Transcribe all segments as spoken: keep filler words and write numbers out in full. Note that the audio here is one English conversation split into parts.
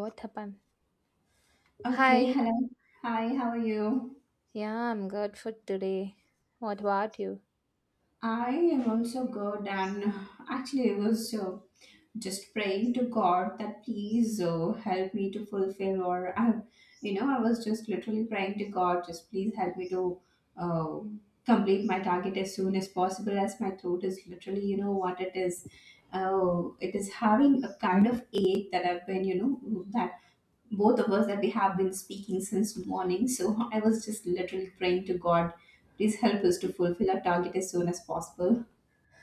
What happened? Okay, Hi. hello. Hi, how are you? Yeah, I'm good for today. What about you? I am also good, and actually, I was uh, just praying to God that please uh, help me to fulfill, or I, you know, I was just literally praying to God, just please help me to uh, complete my target as soon as possible, as my throat is literally, you know, what it is. Oh, it is having a kind of ache that I've been, you know, that both of us that we have been speaking since morning. So I was just literally praying to God, please help us to fulfill our target as soon as possible.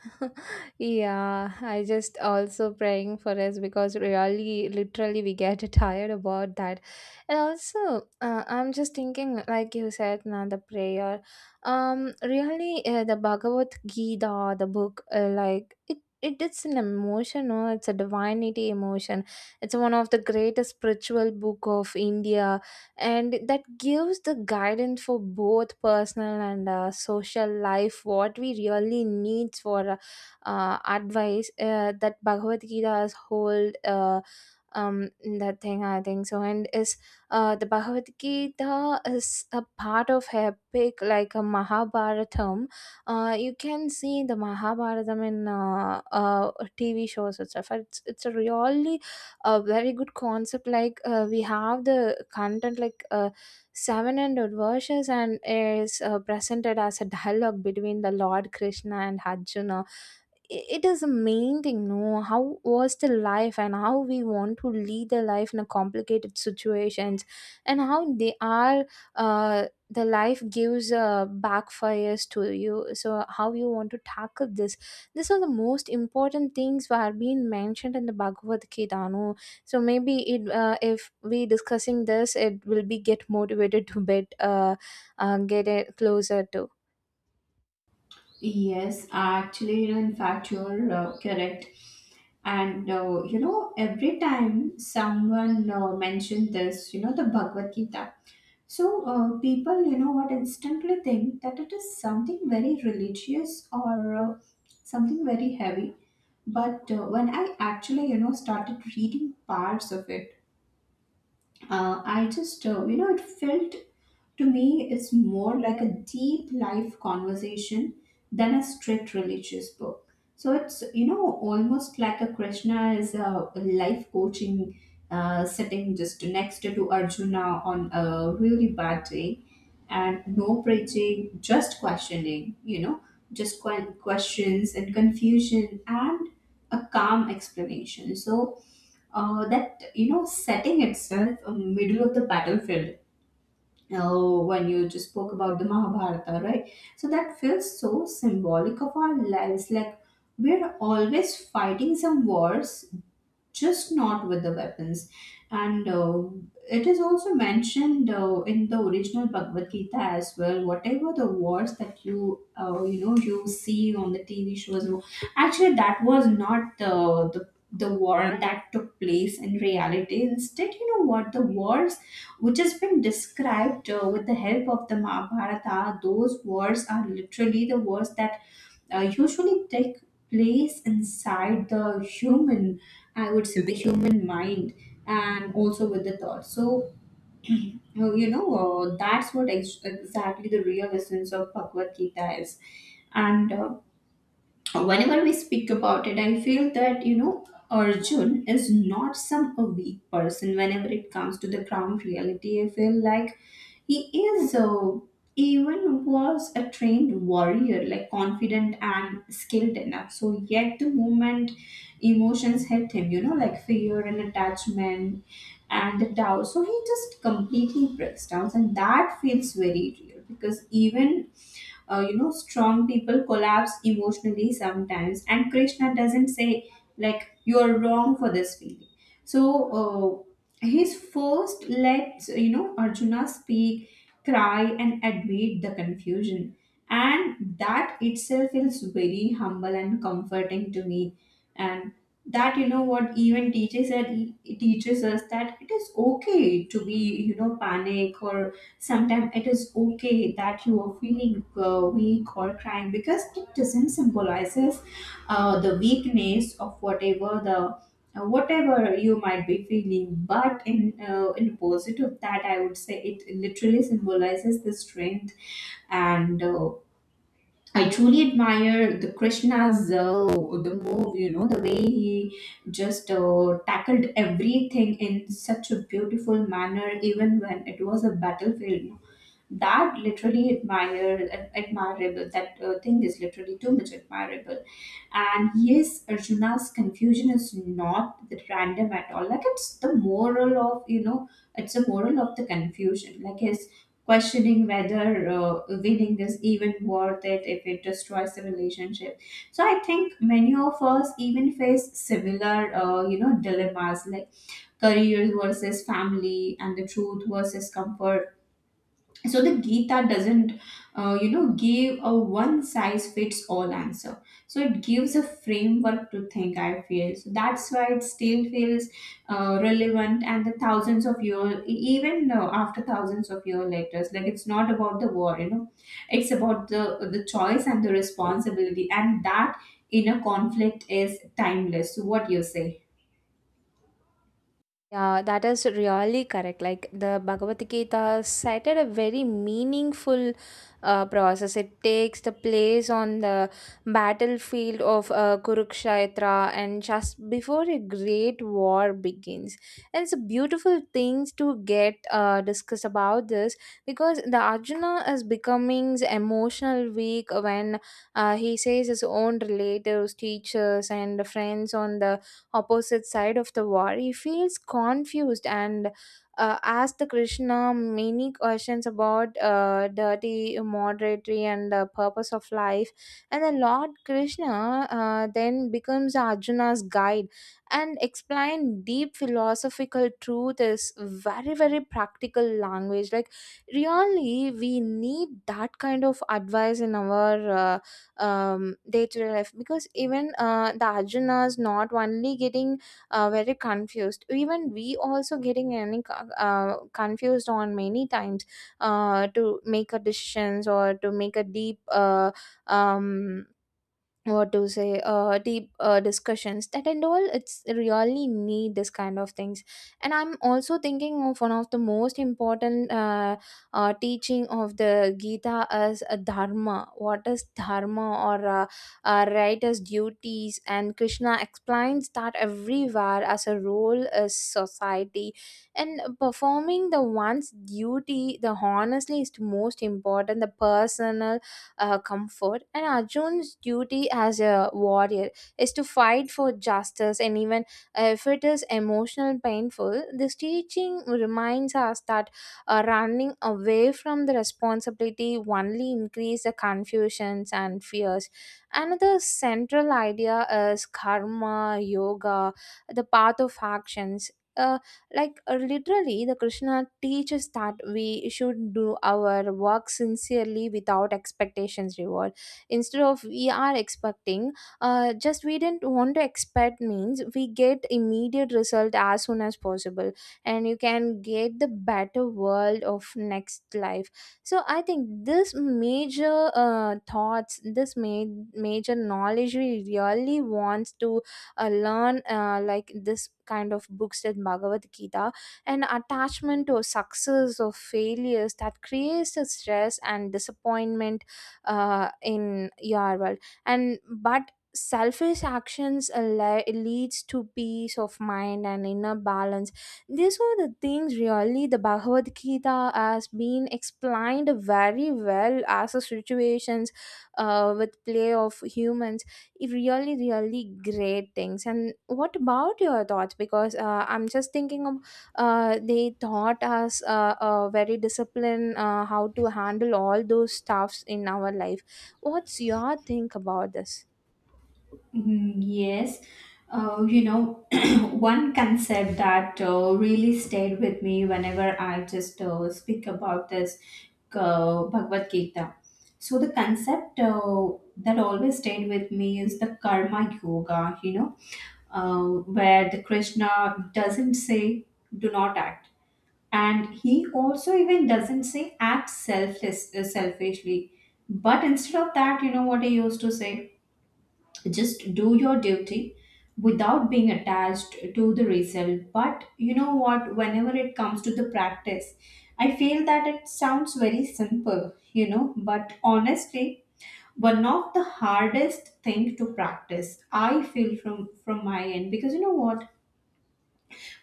Yeah, I just also praying for us because really, literally, we get tired about that. And also, uh, I'm just thinking, like you said, now the prayer. Um, really, uh, the Bhagavad Gita, the book, uh, like it, it's an emotion. No, it's a divinity emotion. It's one of the greatest spiritual book of India, and that gives the guidance for both personal and uh, social life. What we really need for uh, uh, advice, uh, that Bhagavad Gita's hold, uh, um, that thing I think so, and is uh, the Bhagavad Gita is a part of epic like a Mahabharatam. Uh, you can see the Mahabharatam in uh, uh, T V shows itself. It's it's a really a very good concept. Like, uh, we have the content like, uh, seven hundred verses and is uh, presented as a dialogue between the Lord Krishna and Arjuna. It is a main thing, no, how was the life and how we want to lead the life in a complicated situations, and how they are, uh, the life gives uh, backfires to you, so how you want to tackle this? These are the most important things were being mentioned in the Bhagavad Gita, no? So maybe it, uh, if we discussing this it will be get motivated to bit, uh, uh, get it closer to. Yes, actually, you know, in fact, you're uh, correct. And uh, you know, every time someone uh, mentioned this, you know, the Bhagavad Gita. So, uh, people, you know what, instantly think that it is something very religious or uh, something very heavy. But uh, when I actually, you know, started reading parts of it, uh, I just, uh, you know, it felt to me, it's more like a deep life conversation than a strict religious book. So it's, you know, almost like a Krishna is a life coaching uh, sitting just next to Arjuna on a really bad day and no preaching, just questioning, you know, just que- questions and confusion and a calm explanation. So uh, that, you know, setting itself a middle of the battlefield. Oh, when you just spoke about the Mahabharata, right? So that feels so symbolic of our lives. Like we're always fighting some wars just not with the weapons. And uh, it is also mentioned uh, in the original Bhagavad Gita as well. Whatever the wars that you uh, you know you see on the T V shows, actually that was not the the the war that took place in reality. Instead, you know what the wars which has been described uh, with the help of the Mahabharata, those wars are literally the wars that uh, usually take place inside the human, I would say, the human mind and also with the thought. So, you know, uh, that's what ex- exactly the real essence of Bhagavad Gita is. And uh, whenever we speak about it, I feel that, you know, Arjun is not some a weak person whenever it comes to the ground reality. I feel like he is uh, even was a trained warrior, like confident and skilled enough. So yet the moment emotions hit him, you know, like fear and attachment and the doubt. So he just completely breaks down, and that feels very real because even uh, you know, strong people collapse emotionally sometimes, and Krishna doesn't say like you are wrong for this feeling. So uh, he's first lets you know Arjuna speak, cry, and admit the confusion, and that itself feels very humble and comforting to me. And that, you know what, even teaches that it teaches us that it is okay to be, you know, panic or sometimes it is okay that you are feeling uh, weak or crying, because it doesn't symbolizes uh, the weakness of whatever the uh, whatever you might be feeling, but in uh, in positive, that I would say it literally symbolizes the strength. And uh, I truly admire the Krishna's uh, the move, you know, the way he just uh, tackled everything in such a beautiful manner even when it was a battlefield. That literally admire, ad- admirable, that uh, thing is literally too much admirable. And yes, Arjuna's confusion is not random at all. Like it's the moral of, you know, it's the moral of the confusion, like his questioning whether uh, winning is even worth it if it destroys the relationship. So I think many of us even face similar uh, you know, dilemmas like career versus family and the truth versus comfort. So the Gita doesn't uh, you know, give a one size fits all answer. So it gives a framework to think, I feel. So that's why it still feels uh, relevant and the thousands of years, e-, even uh, after thousands of year later, like it's not about the war, you know, it's about the the choice and the responsibility, and that inner conflict is timeless. So what do you say? Yeah, that is really correct. Like the Bhagavad Gita cited a very meaningful uh, process. It takes the place on the battlefield of, uh, Kurukshetra, and just before a great war begins. And it's a beautiful things to get uh, discussed about this, because the Arjuna is becoming emotional weak when, uh, he says his own relatives, teachers, and friends on the opposite side of the war. He feels confused and uh, asks the Krishna many questions about, uh, dirty, moderatory, and the purpose of life. And the Lord Krishna, uh, then becomes Arjuna's guide and explain deep philosophical truth is very very practical language, like really we need that kind of advice in our, uh, um, day-to-day life, because even uh, the arjunas not only getting uh, very confused, even we also getting any co- uh, confused on many times, uh, to make a decisions or to make a deep, uh, um, what to say, uh deep uh, discussions, that and all it's really need this kind of things. And I'm also thinking of one of the most important, uh, uh teaching of the Gita as a dharma, what is dharma, or uh, uh, right as duties. And Krishna explains that everywhere as a role is society, and performing the one's duty the honestly is the most important the personal uh, comfort. And Arjun's duty as a warrior is to fight for justice, and even if it is emotional painful, this teaching reminds us that uh, running away from the responsibility only increase the confusions and fears. Another central idea is karma yoga, the path of actions. Uh, like, uh, literally the Krishna teaches that we should do our work sincerely without expectations reward, instead of we are expecting, uh, just we didn't want to expect means we get immediate result as soon as possible, and you can get the better world of next life. So I think this major uh, thoughts, this ma- major knowledge we really wants to uh, learn, uh, like this kind of books that Bhagavad Gita. And attachment to success or failures that creates a stress and disappointment uh, in your world, and but selfish actions, uh, le- leads to peace of mind and inner balance. These are the things really the Bhagavad Gita has been explained very well as a situations, uh, with play of humans, really really great things. And what about your thoughts? Because, uh, I'm just thinking of, uh, they taught us, uh, uh, very discipline, uh, how to handle all those stuffs in our life. What's your think about this? Mhm. Yes, uh, you know, one concept that uh, really stayed with me whenever I just uh, speak about this uh, Bhagavad Gita. So, the concept uh, that always stayed with me is the karma yoga, you know, uh, where the Krishna doesn't say, do not act. And he also even doesn't say act selfless, uh, selfishly. But instead of that, you know what he used to say? Just do your duty without being attached to the result. But you know what, whenever it comes to the practice, I feel that it sounds very simple, you know, but honestly one of the hardest thing to practice I feel from from my end. Because you know what,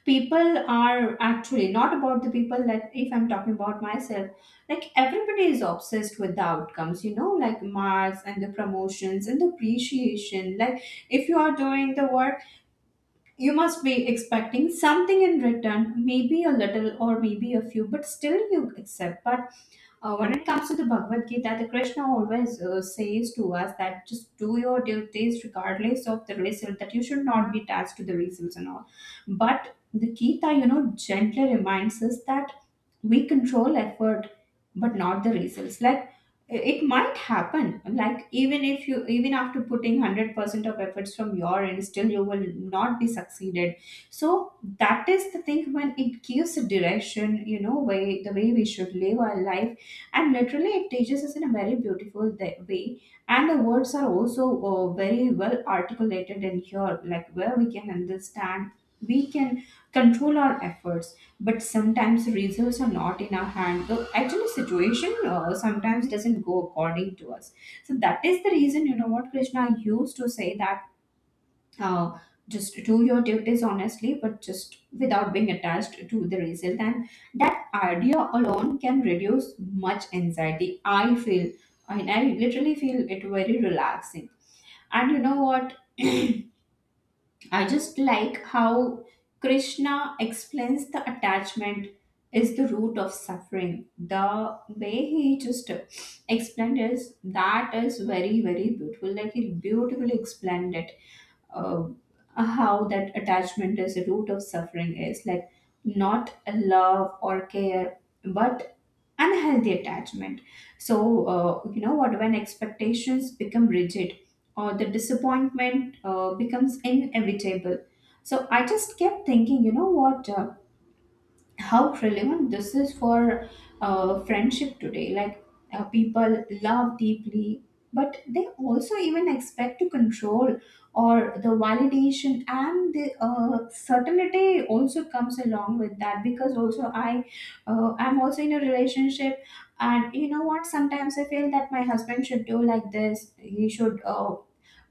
people are actually not about the people, that if I'm talking about myself, like everybody is obsessed with the outcomes, you know, like marks and the promotions and the appreciation. Like if you are doing the work, you must be expecting something in return, maybe a little or maybe a few, but still you accept. But uh, when it comes to the Bhagavad Gita, the Krishna always uh, says to us that just do your duties regardless of the result, that you should not be attached to the results and all. But the Gita, you know, gently reminds us that we control effort but not the results. Like it might happen like even if you even after putting one hundred percent of efforts from your end still you will not be succeeded. So that is the thing, when it gives a direction, you know, way the way we should live our life. And literally it teaches us in a very beautiful th- way, and the words are also uh, very well articulated in here, like where we can understand we can control our efforts, but sometimes results are not in our hand. The actually, situation uh, sometimes doesn't go according to us. So that is the reason, you know what, Krishna I used to say that uh, just do your duties honestly, but just without being attached to the result. And that idea alone can reduce much anxiety, I feel. And I literally feel it very relaxing. And you know what, I just like how Krishna explains the attachment is the root of suffering. The way he just explained is that is very very beautiful. Like he beautifully explained it, uh, how that attachment is a root of suffering is like not a love or care but unhealthy attachment. So uh, you know what, when expectations become rigid or the disappointment uh, becomes inevitable. So I just kept thinking, you know what, uh, how relevant this is for uh, friendship today. Like uh, people love deeply, but they also even expect to control or the validation and the uh, certainty also comes along with that. Because also I, uh, I'm also in a relationship, and you know what? Sometimes I feel that my husband should do like this. He should. Uh,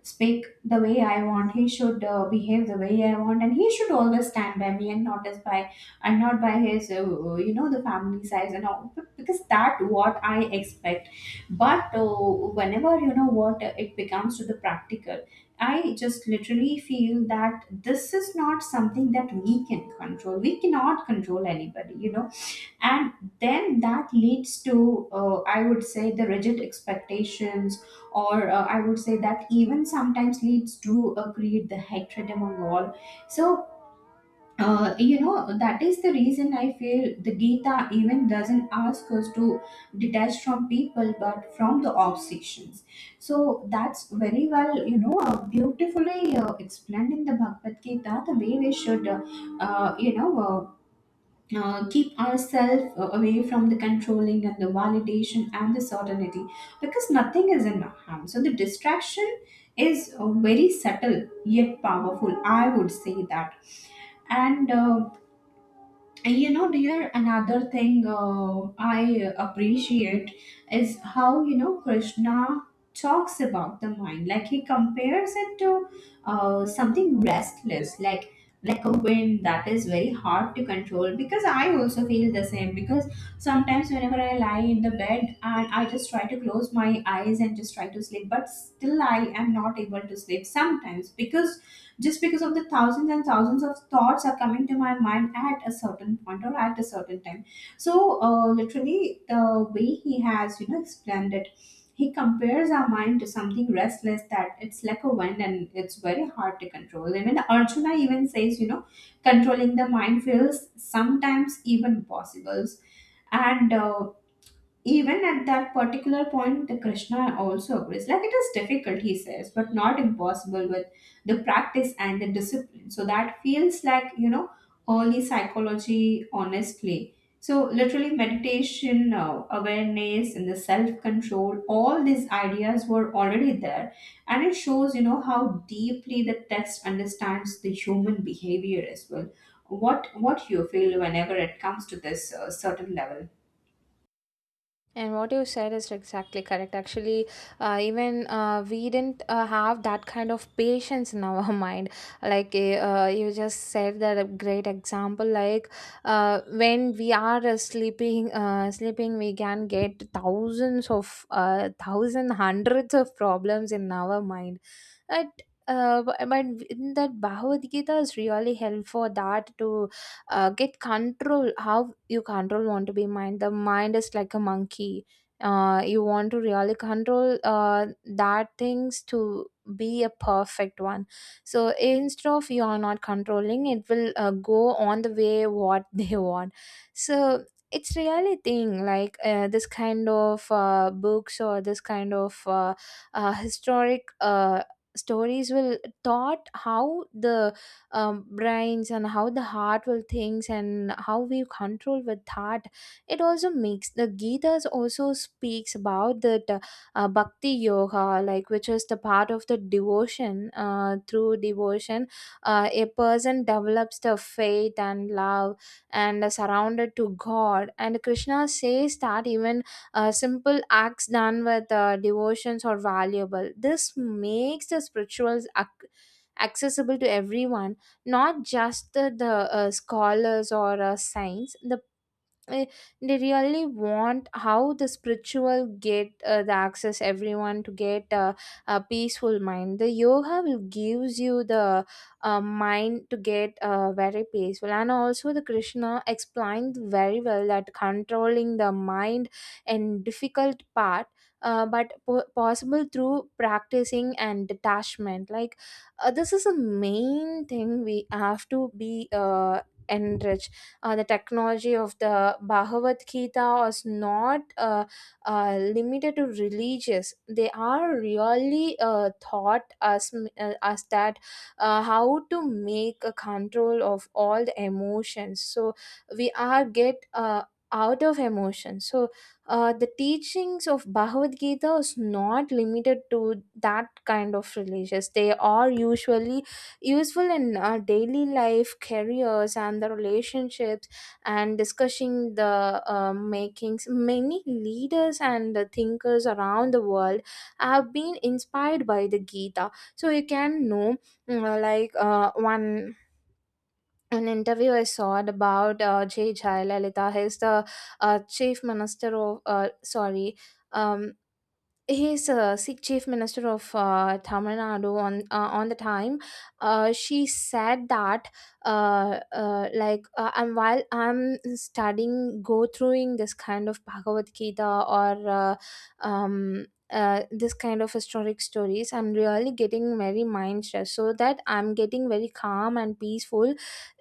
Speak the way I want. He should uh, behave the way I want, and he should always stand by me and not as by and not by his uh, you know, the family size and all because that what I expect. But uh, whenever you know what uh, it becomes to the practical, I just literally feel that this is not something that we can control. We cannot control anybody, you know. And then that leads to uh, I would say the rigid expectations, or uh, I would say that even sometimes leads to uh, create the hatred among all. So uh, you know, that is the reason I feel the Gita even doesn't ask us to detach from people but from the obsessions. So that's very well, you know, uh, beautifully uh, explained in the Bhagavad Gita the way we should uh, uh, you know, uh, uh, keep ourselves away from the controlling and the validation and the certainty because nothing is in harm. So the distraction is uh, very subtle yet powerful. I would say that. And uh, and you know dear, another thing uh, I appreciate is how you know Krishna talks about the mind. Like he compares it to uh, something restless, like like a wind that is very hard to control, because I also feel the same. Because sometimes whenever I lie in the bed and I just try to close my eyes and just try to sleep, but still I am not able to sleep sometimes, because just because of the thousands and thousands of thoughts are coming to my mind at a certain point or at a certain time. So uh, literally the way he has you know explained it, he compares our mind to something restless, that it's like a wind and it's very hard to control. Even Arjuna even says, you know controlling the mind feels sometimes even possible. And uh, even at that particular point, the Krishna also agrees, like it is difficult, he says, but not impossible with the practice and the discipline. So that feels like you know early psychology, honestly. So literally meditation, uh, awareness and the self control, all these ideas were already there, and it shows you know how deeply the text understands the human behavior as well. What what you feel whenever it comes to this uh, certain level? And what you said is exactly correct. Actually, uh, even uh, we didn't uh, have that kind of patience in our mind. Like, eh, uh, you just said that a great example. Like, uh, when we are uh, sleeping, uh, sleeping, we can get thousands of uh, thousand hundreds of problems in our mind. And, uh, I mean, in that Bhagavad Gita is really helpful for that to uh, get control. How you control want to be mind? The mind is like a monkey. Uh, you want to really control uh, that things to be a perfect one. So instead of you are not controlling, it will uh, go on the way what they want. So it's really thing like, uh, this kind of, uh, books or this kind of, uh, uh, historic, uh, stories will taught how the, um, brains and how the heart will thinks and how we control with that. It also makes the Gita's also speaks about the, uh, bhakti yoga, like which is the part of the devotion, uh, through devotion uh, a person develops the faith and love and are surrounded to God. And Krishna says that even uh, simple acts done with uh, devotions are valuable. This makes the spirituals ac- accessible to everyone, not just the, the uh, scholars or uh, saints. The eh, they really want how the spiritual get uh, the access everyone to get uh, a peaceful mind. The yoga will gives you the uh, mind to get uh, very peaceful. And also the Krishna explained very well that controlling the mind and difficult part, uh, but po- possible through practicing and detachment. Like, uh, this is a main thing we have to be uh, enriched. Uh, the technology of the Bhagavad Gita is not, uh, uh, limited to religious. They are really uh, taught us, uh, us that, uh, how to make a control of all the emotions. So we are get, uh, out of emotion. So, uh, the teachings of Bhagavad Gita is not limited to that kind of religious. They are usually useful in our daily life careers and the relationships, and discussing the, uh, makings many leaders and the thinkers around the world have been inspired by the Gita. So you can know, mm, uh, like, uh, one an interview I saw about, uh, J. Jayalalitha. He's the uh, chief minister of, uh, sorry, um, he is a Sikh chief minister of, uh, Tamil Nadu, on uh, on the time. Uh, she said that, uh, uh, like, uh, I'm while I'm studying, go throughing this kind of Bhagavad Gita or, uh, um, uh, this kind of historic stories, I'm really getting very mind stressed. So that I'm getting very calm and peaceful.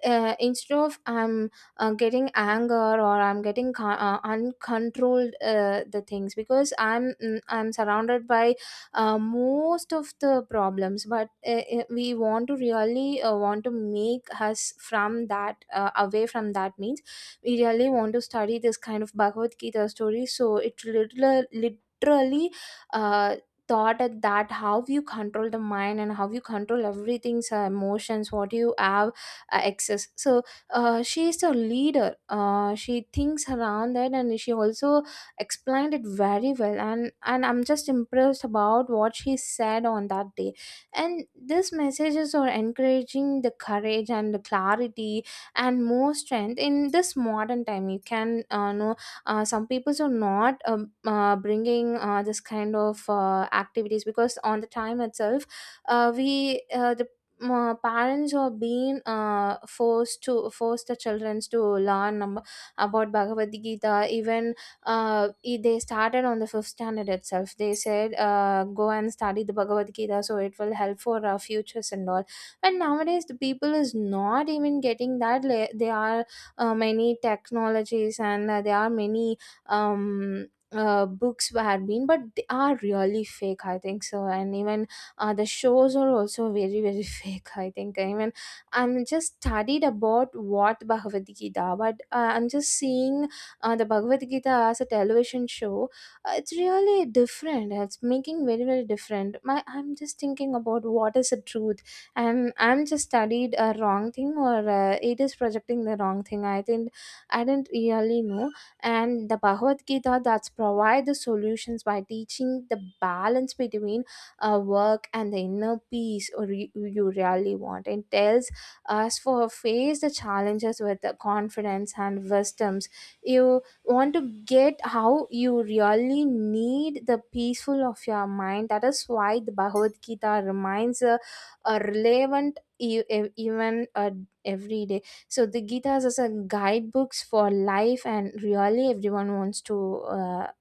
Uh, instead of I'm uh, getting anger, or I'm getting con- uh, uncontrolled uh, the things, because i'm mm, i'm surrounded by uh, most of the problems. But, uh, uh, we want to really uh, want to make us from that, uh, away from that, means we really want to study this kind of Bhagavad Gita story. So it literally literally uh, thought at that how you control the mind and how you control everything's uh, emotions what you have uh, excess. So, uh, she is a leader. Uh, she thinks around that, and she also explained it very well. And and I'm just impressed about what she said on that day. And these messages are encouraging the courage and the clarity and more strength in this modern time. You can uh, know uh, some people are not, um, uh, bringing uh, this kind of uh, activities, because on the time itself, uh, we, uh, the ma- parents are being uh, forced to force the children to learn, um, about Bhagavad Gita. Even, uh, i- they started on the fifth standard itself. They said, uh, "Go and study the Bhagavad Gita, so it will help for our futures and all." But nowadays, the people is not even getting that. Le- There are uh, many technologies, and uh, there are many. Um, uh, books have been, but they are really fake I think so. And even, uh, the shows are also very very fake I think. I mean, I'm just studied about what Bhagavad Gita, but, uh, I'm just seeing, uh, the Bhagavad Gita as a television show, uh, it's really different, it's making very very different. My I'm just thinking about what is the truth, and I'm just studied a wrong thing, or, uh, it is projecting the wrong thing I think. I didn't really know. And the Bhagavad Gita that's provide the solutions by teaching the balance between, uh, work and the inner peace or re- you really want. It tells us for face the challenges with the confidence and wisdoms. You want to get how you really need the peaceful of your mind. That is why the Bhagavad Gita reminds a, a relevant e- e- even uh, every day. So the Gita is as a guidebooks for life, and really everyone wants to Uh,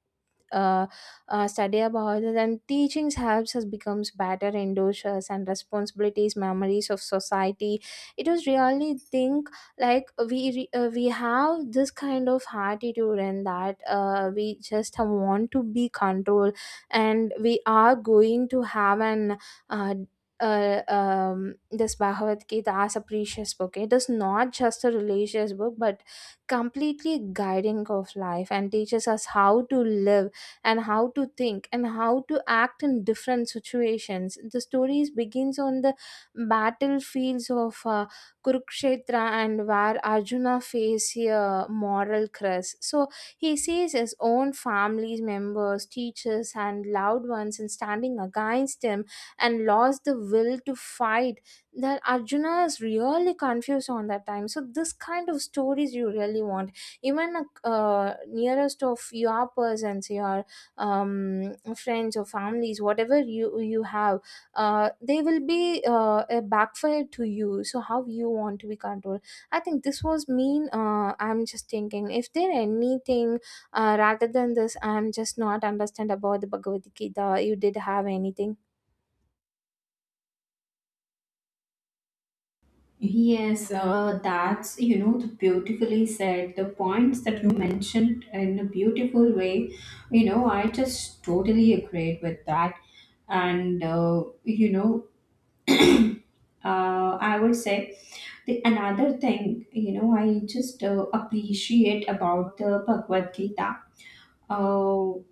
uh, uh, study about it and teaching helps us becomes better endorsers and responsibilities memories of society it was really think like we re- uh, we have this kind of attitude and that uh, we just want to be controlled and we are going to have an uh, uh, um, this Bhagavad Gita as a precious book. It is not just a religious book, but completely guiding of life and teaches us how to live and how to think and how to act in different situations. The stories begins on the battlefields of uh, Kurukshetra and where Arjuna faces a moral crisis. So he sees his own family members, teachers, and loved ones and standing against him and lost the will to fight. That Arjuna is really confused on that time. So this kind of stories you really want. Even uh, nearest of your persons, your um, friends or families whatever you you have uh, they will be uh, a backfire to you, so how you want to be controlled. I think this was mean, uh, I'm just thinking if there anything uh, rather than this. I'm just not understand about the Bhagavad Gita. You did have anything? Yes, uh, that's you know the beautifully said. The points that you mentioned in a beautiful way, you know, I just totally agreed with that, and uh, you know, uh, I would say the another thing you know I just uh, appreciate about the Bhagavad Gita. Uh,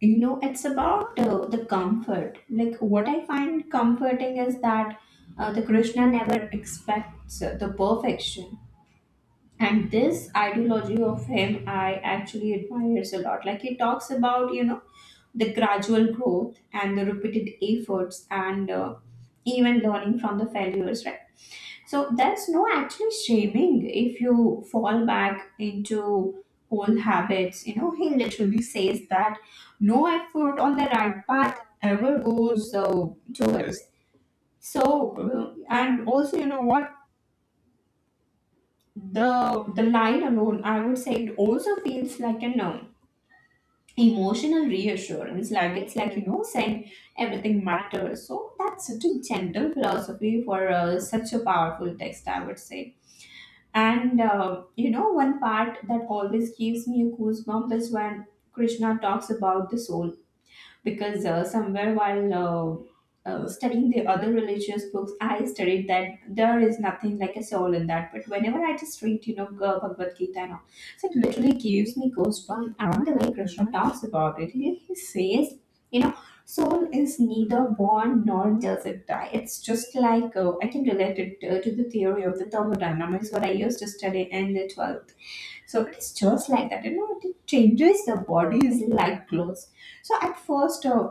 you know it's about uh, the comfort. Like what I find comforting is that uh, the Krishna never expects uh, the perfection, and this ideology of him I actually admires a lot. Like he talks about you know the gradual growth and the repeated efforts, and uh, even learning from the failures, right? So there's no actually shaming if you fall back into old habits. You know, he literally says that no effort on the right path ever goes uh, towards. So uh, and also, you know what, the the line alone, I would say, it also feels like an uh, emotional reassurance. Like it's like, you know, saying everything matters. So that's such a gentle philosophy for uh, such a powerful text, I would say. And uh, you know, one part that always gives me a goosebump is when Krishna talks about the soul, because uh, somewhere while uh, uh, studying the other religious books, I studied that there is nothing like a soul in that. But whenever I just read, you know, Ga- Bhagavad Gita and all, so it literally gives me goosebumps around the way Krishna talks about it. He, he says, you know, soul is neither born nor does it die. It's just like, uh, I can relate it uh, to the theory of the thermodynamics, what I used to study in the twelfth. So it is just like that, you know, it changes the body's like clothes. So at first, uh,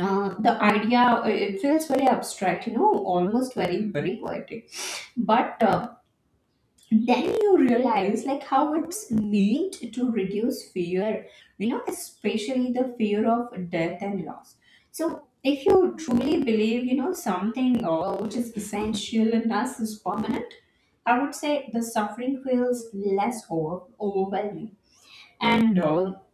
uh, the idea uh, it feels very abstract, you know, almost very, very poetic. But uh, then you realize like how it's meant to reduce fear, you know, especially the fear of death and loss. So if you truly believe, you know, something uh, which is essential and thus is permanent, I would say the suffering feels less over- overwhelming and all.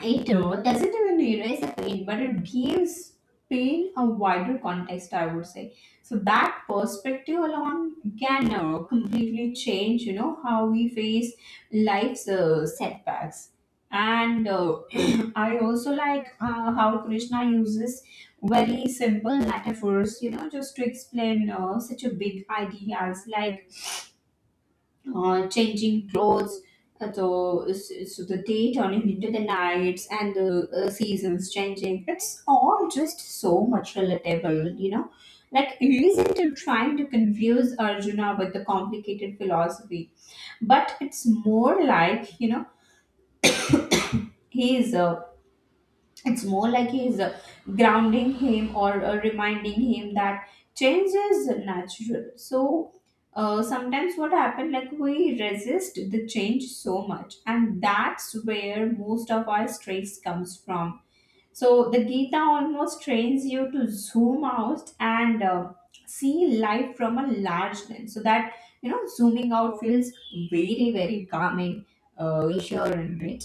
It all doesn't even erase the pain, but it gives pain a wider context, I would say. So that perspective alone can uh, completely change, you know, how we face life's uh, setbacks. And uh, I also like uh, how Krishna uses very simple metaphors, you know, just to explain uh, such a big idea, as like uh, changing clothes. Uh, So, so the day turning into the nights and the uh, seasons changing. It's all just so much relatable, you know. Like, isn't it trying to confuse Arjuna with the complicated philosophy? But it's more like, you know, he is uh, it's more like he's uh, grounding him or uh, reminding him that change is natural. So uh, sometimes what happened, like we resist the change so much, and that's where most of our stress comes from. So the Gita almost trains you to zoom out and uh, see life from a large lens. So that, you know, zooming out feels very, very calming, uh, reassuring, right?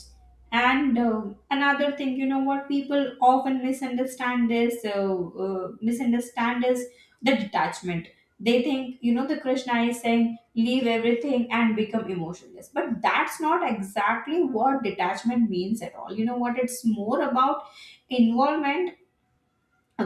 And uh, another thing, you know, what people often misunderstand is uh, uh, misunderstand is the detachment. They think, you know, the Krishna is saying leave everything and become emotionless, but that's not exactly what detachment means at all. You know what? It's more about involvement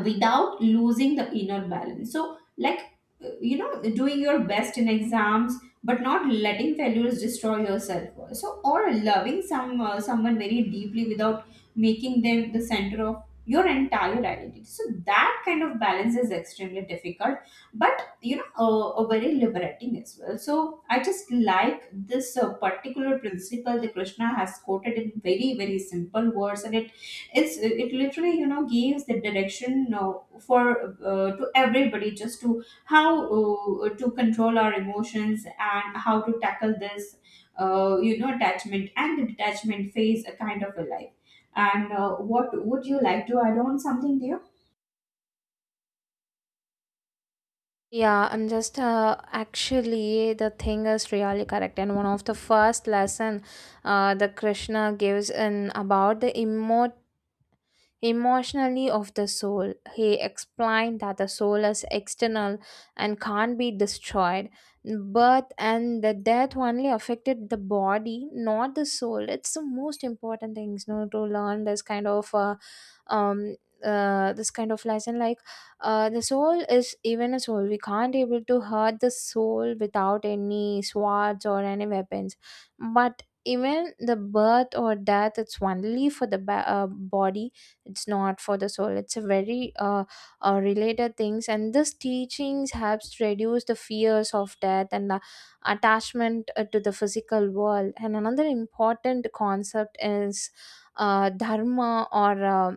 without losing the inner balance. So, like, uh, you know, doing your best in exams, but not letting failures destroy your self worth. So, or loving some uh, someone very deeply without making them the center of your entire identity. So that kind of balance is extremely difficult, but, you know, uh, uh, very liberating as well. So I just like this uh, particular principle that Krishna has quoted in very, very simple words, and it it's it literally, you know, gives the direction uh, for uh, to everybody, just to how uh, to control our emotions and how to tackle this uh, you know, attachment and the detachment phase, a kind of a life. And uh, what would you like to add on something there? Yeah, I'm just uh, actually the thing is really correct. And one of the first lesson, uh, the Krishna gives in about the immortality, emotionally of the soul. He explained that the soul is external and can't be destroyed. Birth and the death only affected the body, not the soul. It's the most important things, you know, to learn this kind of uh, um uh, this kind of lesson. Like, uh, the soul is, even a soul, we can't able to hurt the soul without any swords or any weapons, but even the birth or death, it's only for the ba- uh, body. It's not for the soul. It's a very uh, uh, related things. And this teachings helps reduce the fears of death and the attachment uh, to the physical world. And another important concept is uh, dharma, or uh,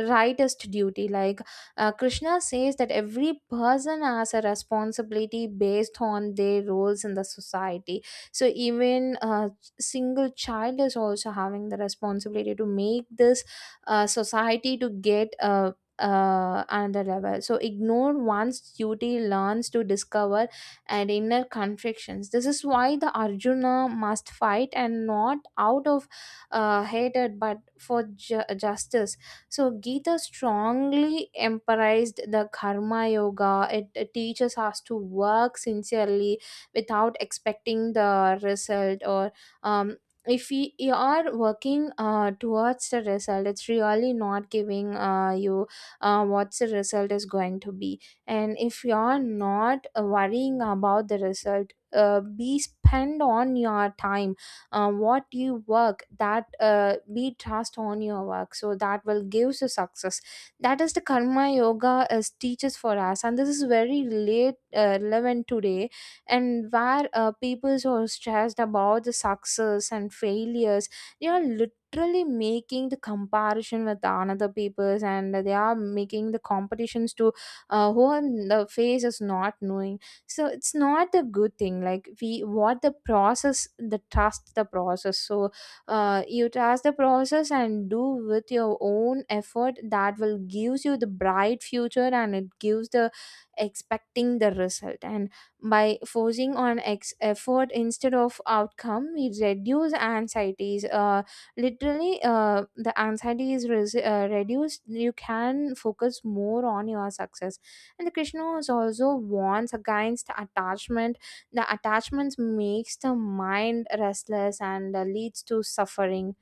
rightest duty. Like, uh, Krishna says that every person has a responsibility based on their roles in the society. So even a single child is also having the responsibility to make this uh, society to get uh, uh, another level. So ignore one's duty learns to discover and inner conflicts. This is why the Arjuna must fight, and not out of uh, hatred, but for ju- justice. So Gita strongly emphasized the karma yoga. It, it teaches us to work sincerely without expecting the result. Or um, if we you are working uh, towards the result, it's really not giving uh, you uh, what the result is going to be. And if you are not uh, worrying about the result, uh, be spend on your time, um, what you work, that uh, be trust on your work, so that will give you success. That is the karma yoga is teaches for us. And this is very late, uh, relevant today, and where uh, people are stressed about the success and failures. They are literally making the comparison with another people's, and they are making the competitions to uh, who on the face is not knowing. So it's not a good thing. Like, we what the process, the trust the process. So uh, you trust the process and do with your own effort, that will gives you the bright future. And it gives the expecting the result, and by forcing on ex- effort instead of outcome, we reduce anxieties. Uh, literally uh, the anxiety is res- uh, reduced, you can focus more on your success. And the Krishna was also warns against attachment. The attachments makes the mind restless and uh, leads to suffering.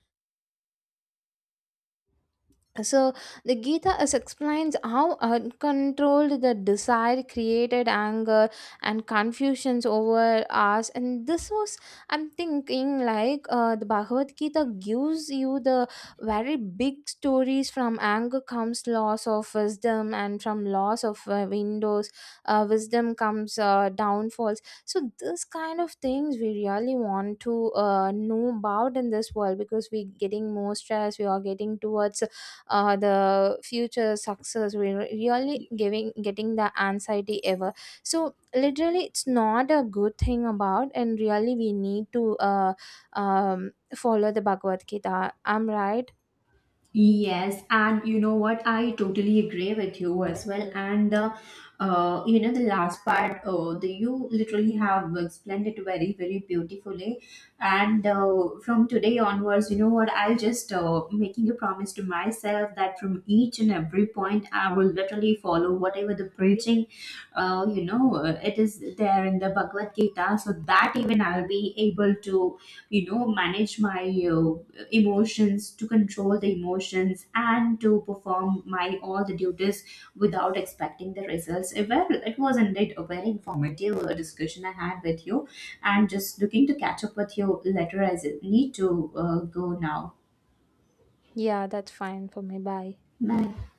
So the Gita is explains how uncontrolled the desire created anger and confusions over us. And this was, I'm thinking like, uh, the Bhagavad Gita gives you the very big stories. From anger comes loss of wisdom, and from loss of uh, windows, uh, wisdom comes uh, downfalls. So this kind of things we really want to uh, know about in this world, because we're getting more stress, we are getting towards uh, the future success, we're really giving getting the anxiety ever. So literally it's not a good thing about, and really we need to uh, um, follow the Bhagavad Gita, I'm right? Yes, and you know what? I totally agree with you as well. And the, uh, you know, the last part, uh, the, you literally have explained it very, very beautifully. And uh, from today onwards, you know what? I'll just uh, making a promise to myself that from each and every point, I will literally follow whatever the preaching, uh, you know, uh, it is there in the Bhagavad Gita, so that even I'll be able to, you know, manage my. Uh, emotions, to control the emotions and to perform my all the duties without expecting the results. Uh, well it was indeed a very informative uh, discussion I had with you, and just looking to catch up with you later, as I need to uh, go now. Yeah, that's fine for me. Bye. Bye.